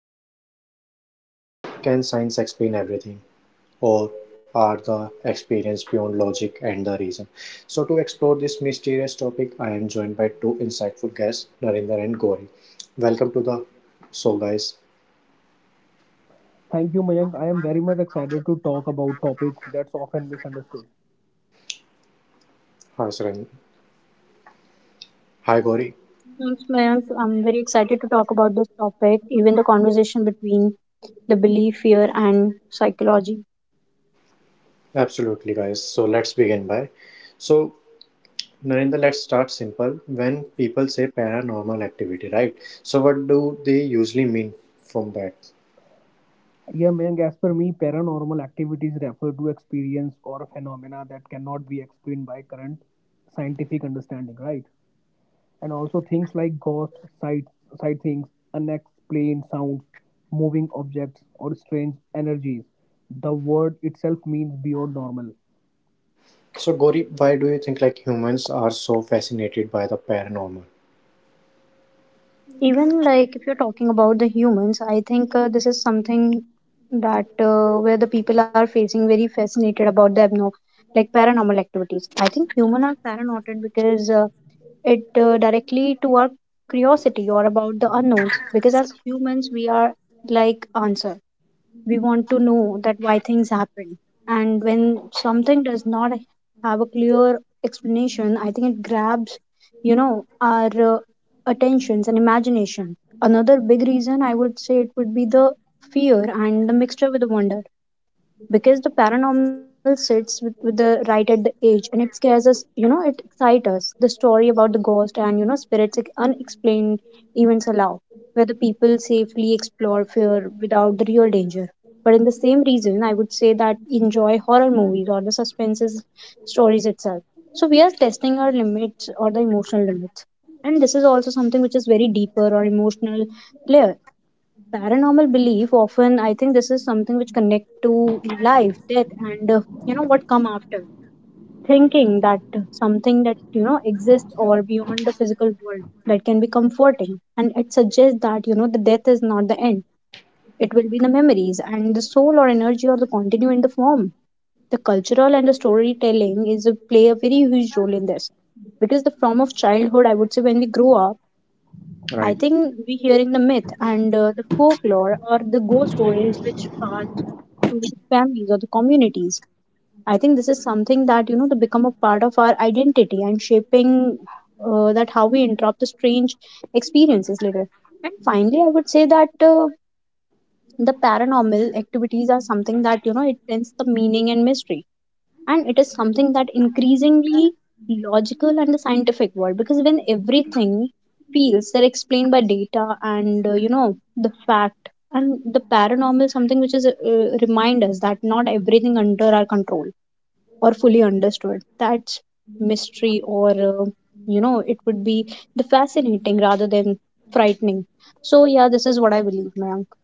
question in today time. So can science explain everything? Or are the experience beyond logic and the reason? So, to explore this mysterious topic, I am joined by two insightful guests, Narinder and Gauri. Welcome to the show, guys. Thank you, Mayank. I am very much excited to talk about topic that's often misunderstood. Hi, Saran. Hi, Gauri. Thanks, Mayank. I'm very excited to talk about this topic, even the conversation between the belief, fear, and psychology. Absolutely, guys. So, let's begin by. So, Narinder, let's start simple. When people say paranormal activity, right? So, what do they usually mean from that? Yeah, Mayank, as per me, paranormal activities refer to experience or phenomena that cannot be explained by current scientific understanding, right? And also things like ghost, sight, sightings, unexplained sounds, moving objects, or strange energies. The word itself means beyond normal. So, Gauri, why do you think like humans are so fascinated by the paranormal? Even like if you're talking about the humans, I think this is something that where the people are facing very fascinated about the abnormal, like paranormal activities. I think human are paranoid because it directly to our curiosity or about the unknowns. Because as humans, we are like answer. We want to know that why things happen, and when something does not have a clear explanation, I think it grabs our attentions and imagination. Another big reason, I would say, it would be the fear and the mixture with the wonder, because the paranormal sits with the right at the age and it scares us, it excites us. The story about the ghost and spirits, unexplained events allow where the people safely explore fear without the real danger. But in the same reason, I would say that enjoy horror movies or the suspenses stories itself, so we are testing our limits or the emotional limits. And this is also something which is very deeper or emotional layer. Paranormal belief often, I think this is something which connect to life, death, and you know what come after. Thinking that something that you know exists or beyond the physical world, that can be comforting, and it suggests that you know the death is not the end. It will be the memories and the soul or energy or the continue in the form. The cultural and the storytelling is a, play a very huge role in this, because the form of childhood, I would say, when we grow up, I Right. think we hearing the myth and the folklore or the ghost stories which passed to the families or the communities. I think this is something that you know to become a part of our identity and shaping that how we interrupt the strange experiences later. And finally, I would say that the paranormal activities are something that you know it tends the meaning and mystery, and it is something that increasingly logical and the scientific world, because when everything feels they're explained by data and you know the fact, and the paranormal is something which is remind us that not everything under our control or fully understood. That's mystery or you know, it would be the fascinating rather than frightening. So yeah, this is what I believe, Mayank.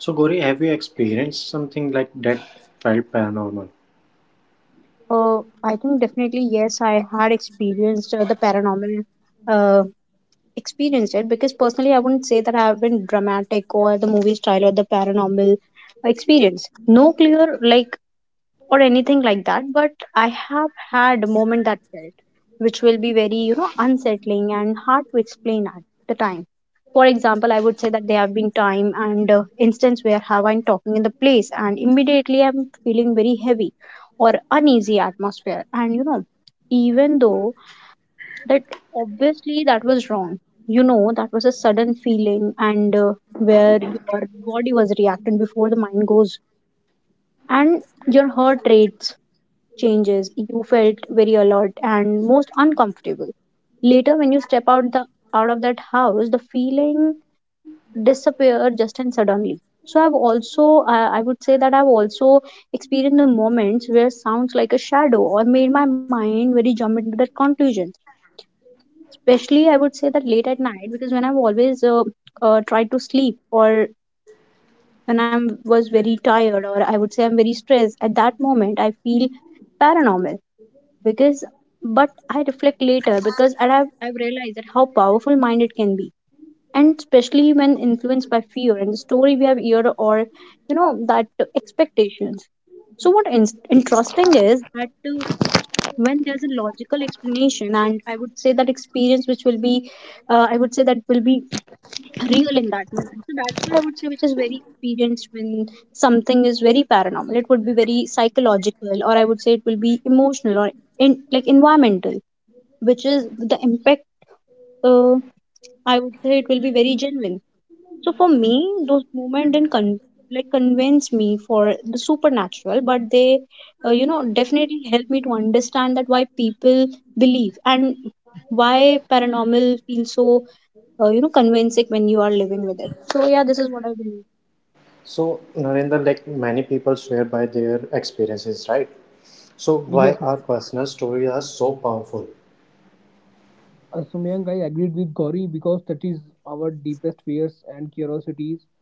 So, Gauri, have you experienced something like that felt paranormal? uh, I think definitely yes, I had experienced the paranormal uh, experienced it, because personally I wouldn't say that I have been dramatic or the movie style or the paranormal experience. No clear like or anything like that, but I have had a moment that felt which will be very, you know, unsettling and hard to explain at the time. For example, I would say that there have been time and instance where have I'm talking in the place and immediately I'm feeling very heavy or uneasy atmosphere, and you know, even though that obviously that was wrong, you know, that was a sudden feeling, and where your body was reacting before the mind goes, and your heart rates changes, you felt very alert and most uncomfortable. Later when you step out the out of that house, the feeling disappeared just and suddenly. So I've also I would say that I've also experienced the moments where sounds like a shadow or made my mind very jump into that conclusion, especially I would say that late at night, because when I've always tried to sleep or when I was very tired or I would say I'm very stressed at that moment, I feel paranormal because, but I reflect later because, and I've realized that how powerful mind it can be, and especially when influenced by fear and the story we have heard, or you know that expectations. So what interesting is that when there's a logical explanation, and I would say that experience which will be I would say that will be real in that moment. So that's what I would say, which is very experienced when something is very paranormal, it would be very psychological, or I would say it will be emotional or in like environmental, which is the impact uh, I would say it will be very genuine. So for me, those moments didn't like convince me for the supernatural, but they, you know, definitely help me to understand that why people believe and why paranormal feels so, you know, convincing when you are living with it. So yeah, this is what I believe. So, Narendra, like many people swear by their experiences, right? So, why Yes, our Mayank. personal stories are so powerful? Sumyang, I agreed with Gauri because that is our deepest fears and curiosities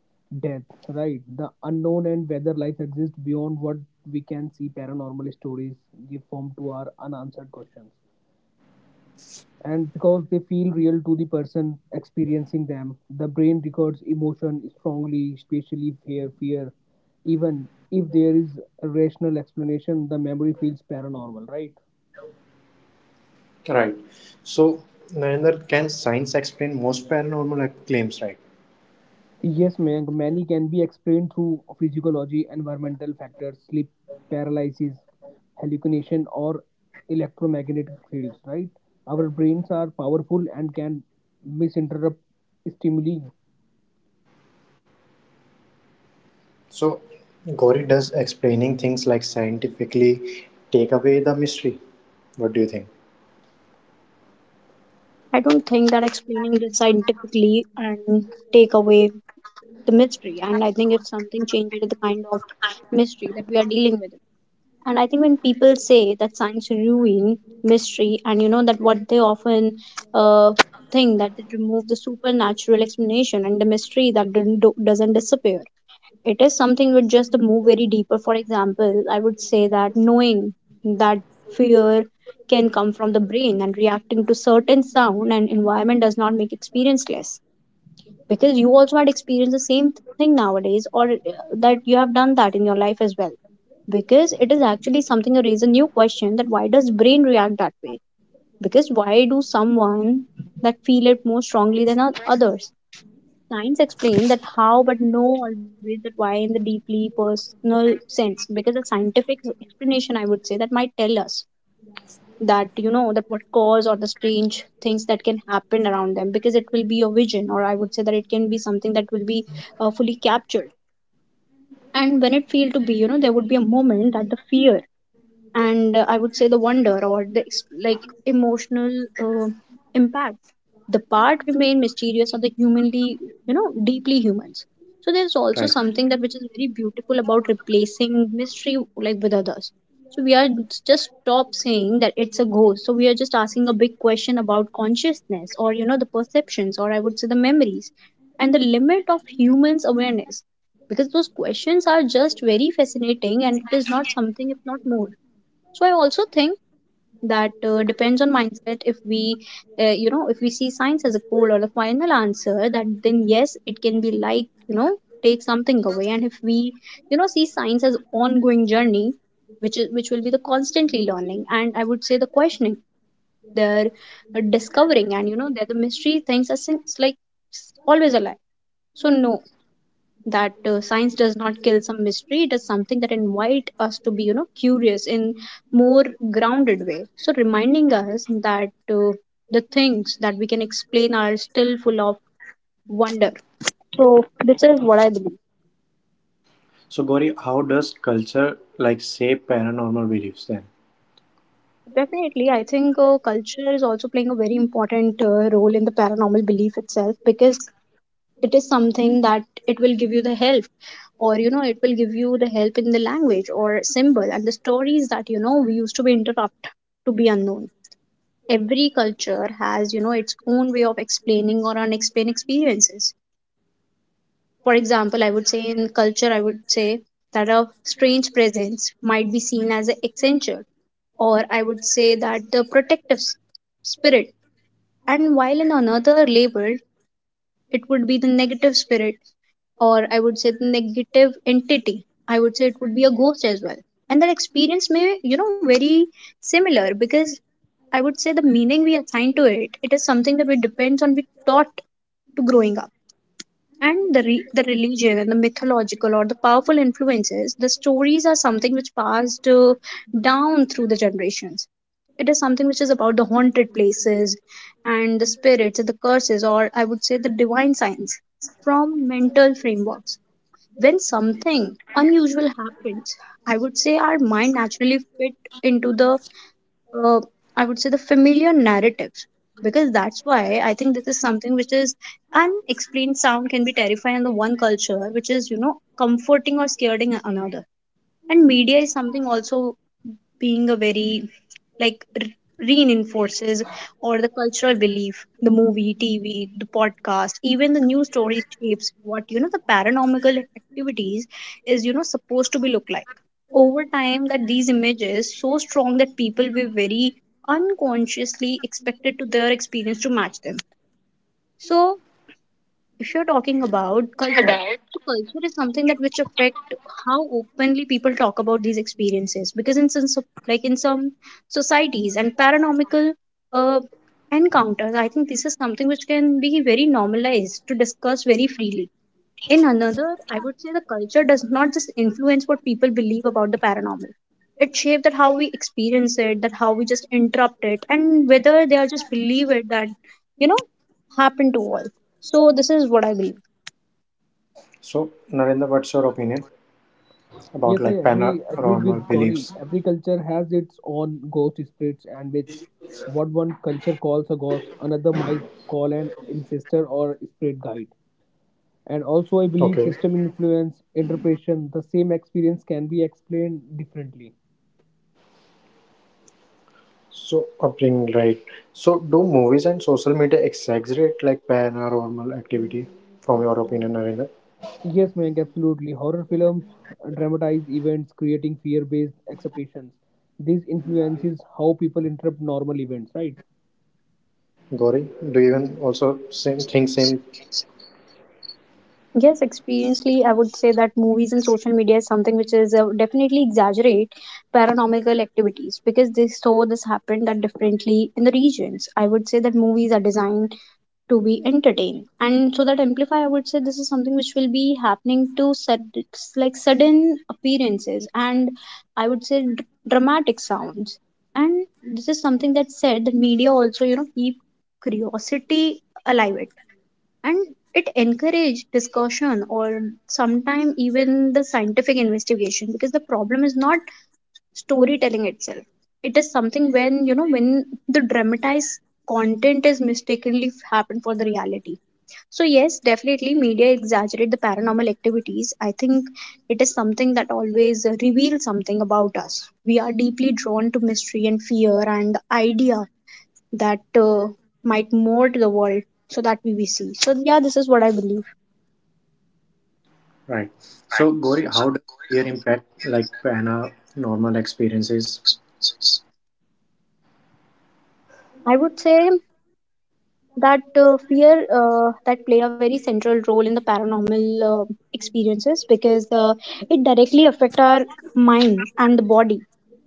death, right? The unknown and whether life exists beyond what we can see, paranormal stories give form to our unanswered questions. And because they feel real to the person experiencing them, the brain records emotion strongly, especially fear. Even if there is a rational explanation, the memory feels paranormal, right? Right. So, Narendra, can science explain most paranormal claims, right? Yes, Mayank, many can be explained through physiology, environmental factors, sleep paralysis, hallucination, or electromagnetic fields, right? Our brains are powerful and can misinterpret stimuli. So, Gauri, does explaining things like scientifically take away the mystery? What do you think? I don't think that explaining this scientifically and take away the mystery. And I think if something changes the kind of mystery that we are dealing with. And I think when people say that science ruin mystery, and you know that what they often uh, think that it remove the supernatural explanation, and the mystery that didn't do- doesn't disappear. It is something which just to move very deeper. For example, I would say that knowing that fear can come from the brain and reacting to certain sound and environment does not make experience less, because you also had experienced the same thing nowadays or that you have done that in your life as well, because it is actually something a reason you question that why does brain react that way, because why do someone that feel it more strongly than others. Science explain that how, but no always that why, in the deeply personal sense, because the scientific explanation, I would say, that might tell us that you know that what cause or the strange things that can happen around them, because it will be a vision, or I would say that it can be something that will be fully captured. And when it feel to be, you know, there would be a moment that the fear and I would say the wonder or the like emotional uh, impact, the part remain mysterious or the humanly, you know, deeply humans. So there's also Right. something that which is very beautiful about replacing mystery like with others. So we are just stop saying that it's a ghost, so we are just asking a big question about consciousness, or you know, the perceptions, or I would say the memories and the limit of humans awareness, because those questions are just very fascinating, and it is not something if not more. So I also think that depends on mindset, if we you know, if we see science as a goal or a final answer, that then yes, it can be like, you know, take something away. And if we, you know, see science as ongoing journey, which is which will be the constantly learning, and I would say the questioning, their discovering, and you know, they're the mystery things are it's like always alive. So no, that science does not kill some mystery, it is something that invite us to be, you know, curious in more grounded way, so reminding us that the things that we can explain are still full of wonder. So this is what I believe. So, Gauri, how does culture like shape paranormal beliefs Definitely, I think culture is also playing a very important role in the paranormal belief itself, because it is something that it will give you the help, or you know, it will give you the help in the language or symbol and the stories that you know we used to be interrupt to be unknown. Every culture has, you know, its own way of explaining or unexplained experiences. For example, I would say in culture, I would say that a strange presence might be seen as an accenture, or I would say that the protective spirit, and while in another label it would be the negative spirit, or I would say the negative entity. I would say it would be a ghost as well. And that experience may, you know, very similar, because I would say the meaning we assign to it, it is something that we depends on we taught to growing up. And the, the religion and the mythological or the powerful influences, the stories are something which passed down through the generations. It is something which is about the haunted places and the spirits and the curses, or I would say the divine signs from mental frameworks. When something unusual happens, I would say our mind naturally fit into the uh, I would say the familiar narratives because that's why I think this is something which is unexplained sound can be terrifying in the one culture, which is comforting or scaring another. And media is something also being a very like reinforces or the cultural belief, the movie TV the podcast even the news stories shapes what the paranormal activities is supposed to be look like over time, that these images so strong that people were very unconsciously expected to their experience to match them. So if you're talking about culture, then? so culture is something that which affect how openly people talk about these experiences because in some like in some societies and paranormal uh, encounters, I think this is something which can be very normalized to discuss very freely in another. I would say the culture does not just influence what people believe about the paranormal. It shapes that how we experience it, that how we just interrupt it, and whether they are just believe it that, you know, happen to all. So this is what I believe. So, Narendra, what's your opinion about Yes, I like agreed paranormal with beliefs? Gauri. Every culture has its own ghost spirits and which what one culture calls a ghost, another might call an ancestor or spirit guide. And also, I believe Okay, system influence, interpretation, the same experience can be explained differently. so upbringing, right? So, do movies and social media exaggerate like paranormal activity? From your opinion, Narendra, Yes, Mayank, absolutely. Horror films dramatize events, creating fear based expectations. This influences how people interpret normal events, right? Gauri, do you even also same think same? Yes, experientially, I would say that movies and social media is something which is definitely exaggerate paranormal activities because they saw this happen that differently in the regions. I would say that movies are designed to be entertained, and so that amplify, I would say this is something which will be happening to like sudden appearances, and I would say dramatic sounds. And this is something that said that media also keep curiosity alive, it and it encourage discussion or sometime even the scientific investigation because the problem is not storytelling itself. It is something when the dramatized content is mistakenly happened for the reality. So yes, definitely media exaggerate the paranormal activities. I think it is something that always reveals something about us. We are deeply drawn to mystery and fear and the idea that might mold the world so that we see. So yeah, this is what I believe. Right. So, Gauri, how does fear impact like paranormal experiences? I would say that fear that play a very central role in the paranormal uh, experiences because it directly affect our mind and the body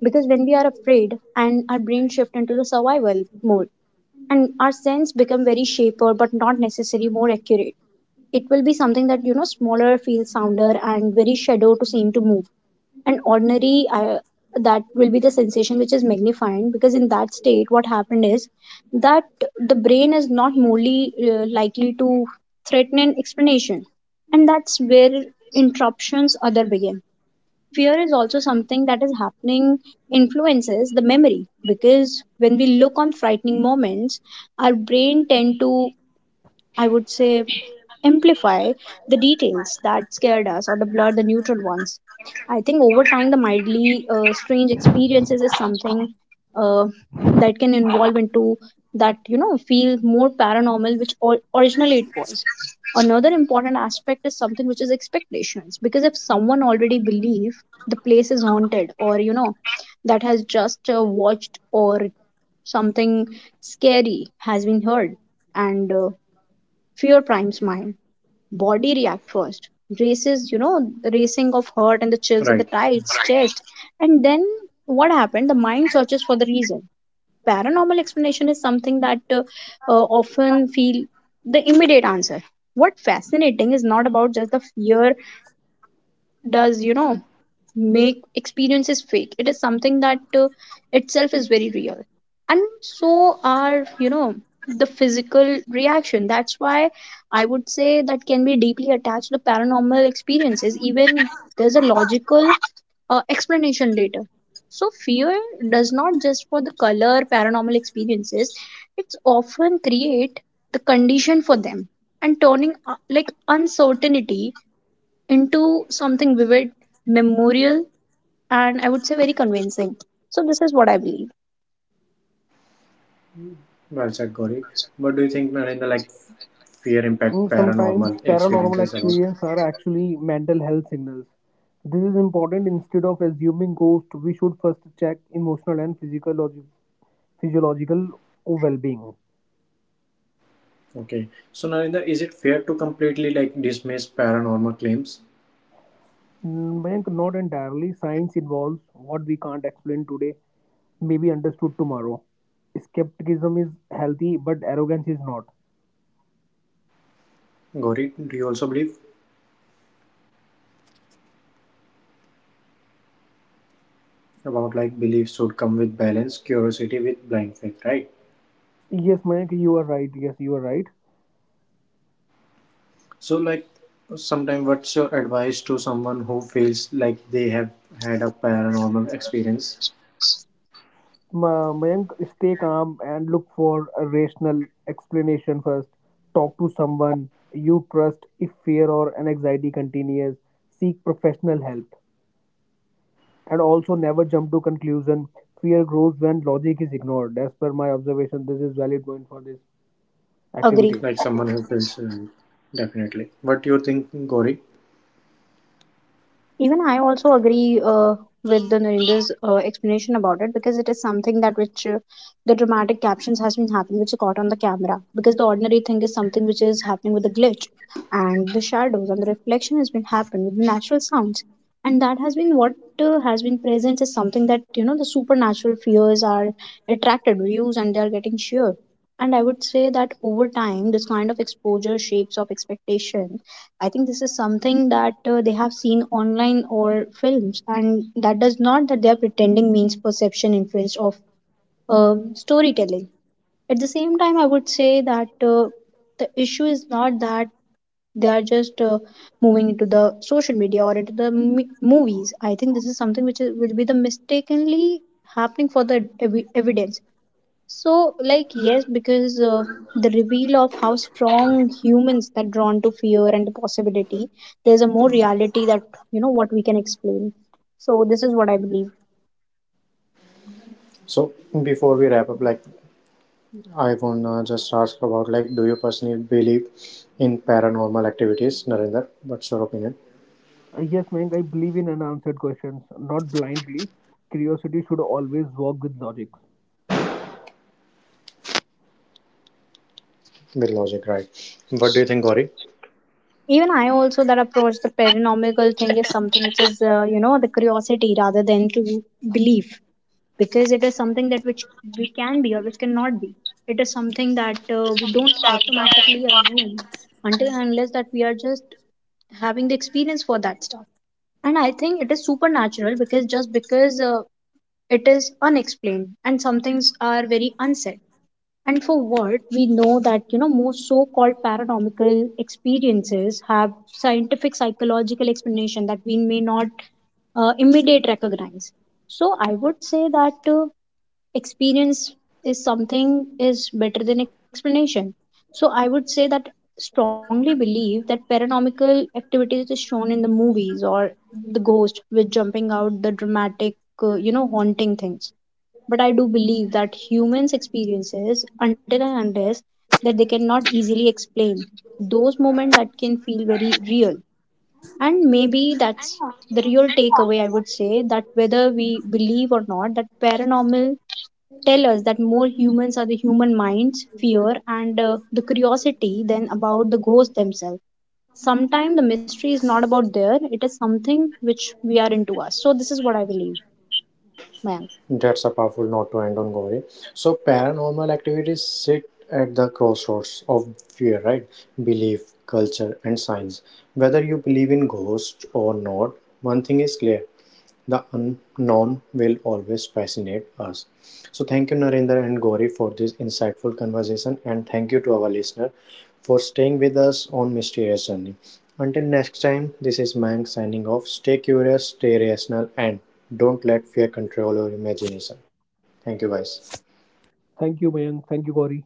because when we are afraid, and our brain shift into the survival mode, and our sense become very shaper but not necessarily more accurate. It will be something that smaller feels sounder and very shadow to seem to move and ordinary that will be the sensation which is magnifying because in that state what happened is that the brain is not morely likely to threaten an explanation, and that's where interruptions other begin. Fear is also something that is happening influences the memory because when we look on frightening moments, our brain tend to, I would say, amplify the details that scared us or the blur the neutral ones. I think over time, the mildly strange experiences is something uh, that can evolve into that feel more paranormal, which originally it was. Another important aspect is something which is expectations, because if someone already believe the place is haunted, or that has just watched or something scary has been heard, and fear primes mind, body react first, races the racing of heart and the chills and Right. the tights chest, and then what happened the mind searches for the reason. Paranormal explanation is something that often feel the immediate answer. What fascinating is not about just the fear does make experience is fake. It is something that itself is very real, and so are the physical reaction. That's why I would say that can be deeply attached to paranormal experiences even there's a logical explanation later. So fear does not just for the color paranormal experiences, it's often create the condition for them and turning like uncertainty into something vivid, memorial, and I would say very convincing. So, this is what I believe. Well said, Gauri. But do you think, Narendra, like fear impact Mm, sometimes paranormal paranormal experiences about? experiences are actually mental health signals. This is important. Instead of assuming ghost, we should first check emotional and physiological well-being. Okay. So Narinder, is it fair to completely like dismiss paranormal claims? Mm, Mayank, not entirely. Science involves what we can't explain today, may be understood tomorrow. Skepticism is healthy, but arrogance is not. Gauri, do you also believe about like beliefs should come with balance, curiosity with blind faith, right? Yes, Mayank, you are right. Yes, you are right. So like sometime what's your advice to someone who feels like they have had a paranormal experience? Mayank, stay calm and look for a rational explanation first. Talk to someone you trust if fear or an anxiety continues. Seek professional help. And also never jump to conclusion. Fear grows when logic is ignored. As per my observation, this is valid point for this activity. Agree. Like someone who feels definitely. What do you think, Gauri? Even I also agree with the Narendra's explanation about it because it is something that which the dramatic captions has been happening which is caught on the camera because the ordinary thing is something which is happening with the glitch and the shadows and the reflection has been happened with the natural sounds, and that has been what has been present is something that the supernatural fears are attracted views and they are getting sheer. And I would say that over time this kind of exposure shapes of expectation. I think this is something that they have seen online or films, and that does not that they are pretending means perception influence of storytelling. At the same time, I would say that the issue is not that they are just moving into the social media or into the movies. I think this is something which is, will be the mistakenly happening for the evidence. So, like, yes, because the reveal of how strong humans that drawn to fear and the possibility, there's a more reality that what we can explain. So, this is what I believe. So before we wrap up, like I wanna just ask about like do you personally believe in paranormal activities, Narinder? What's your opinion? Yes Mayank, I believe in unanswered questions, not blind belief. Curiosity should always walk with logic. With logic, right. What do you think, Gauri? Even I also that approach the paranormal thing is something which is the curiosity rather than to belief because it is something that which we can be or which cannot be. It is something that we don't that uh, automatically assume until and unless that we are just having the experience for that stuff, and I think it is supernatural because just because it is unexplained and some things are very unsaid. And for what we know that most so-called paranormal experiences have scientific psychological explanation that we may not immediate recognize. So I would say that experience is something is better than explanation. So I would say that strongly believe that paranormal activities is shown in the movies or the ghost with jumping out the dramatic haunting things. But I do believe that humans experiences until and unless that they cannot easily explain those moments that can feel very real. And maybe that's the real takeaway. I would say that whether we believe or not that paranormal tell us that more humans are the human minds, fear, and the curiosity than about the ghosts themselves. Sometimes the mystery is not about there, it is something which we are into us. So, this is what I believe, Mayank. That's a powerful note to end on, Gauri. So, paranormal activities sit at the crossroads of fear, right? Belief, culture, and science. Whether you believe in ghosts or not, one thing is clear the unknown will always fascinate us. So, thank you, Narendra and Gauri, for this insightful conversation, and thank you to our listener for staying with us on Mysterious Journey. Until next time, this is Mank signing off. Stay curious, stay rational, and don't let fear control your imagination. Thank you, guys. Thank you, Mayank. Thank you, Gauri.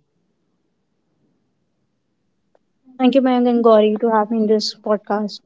Thank you, Mayank and Gauri, to have me in this podcast.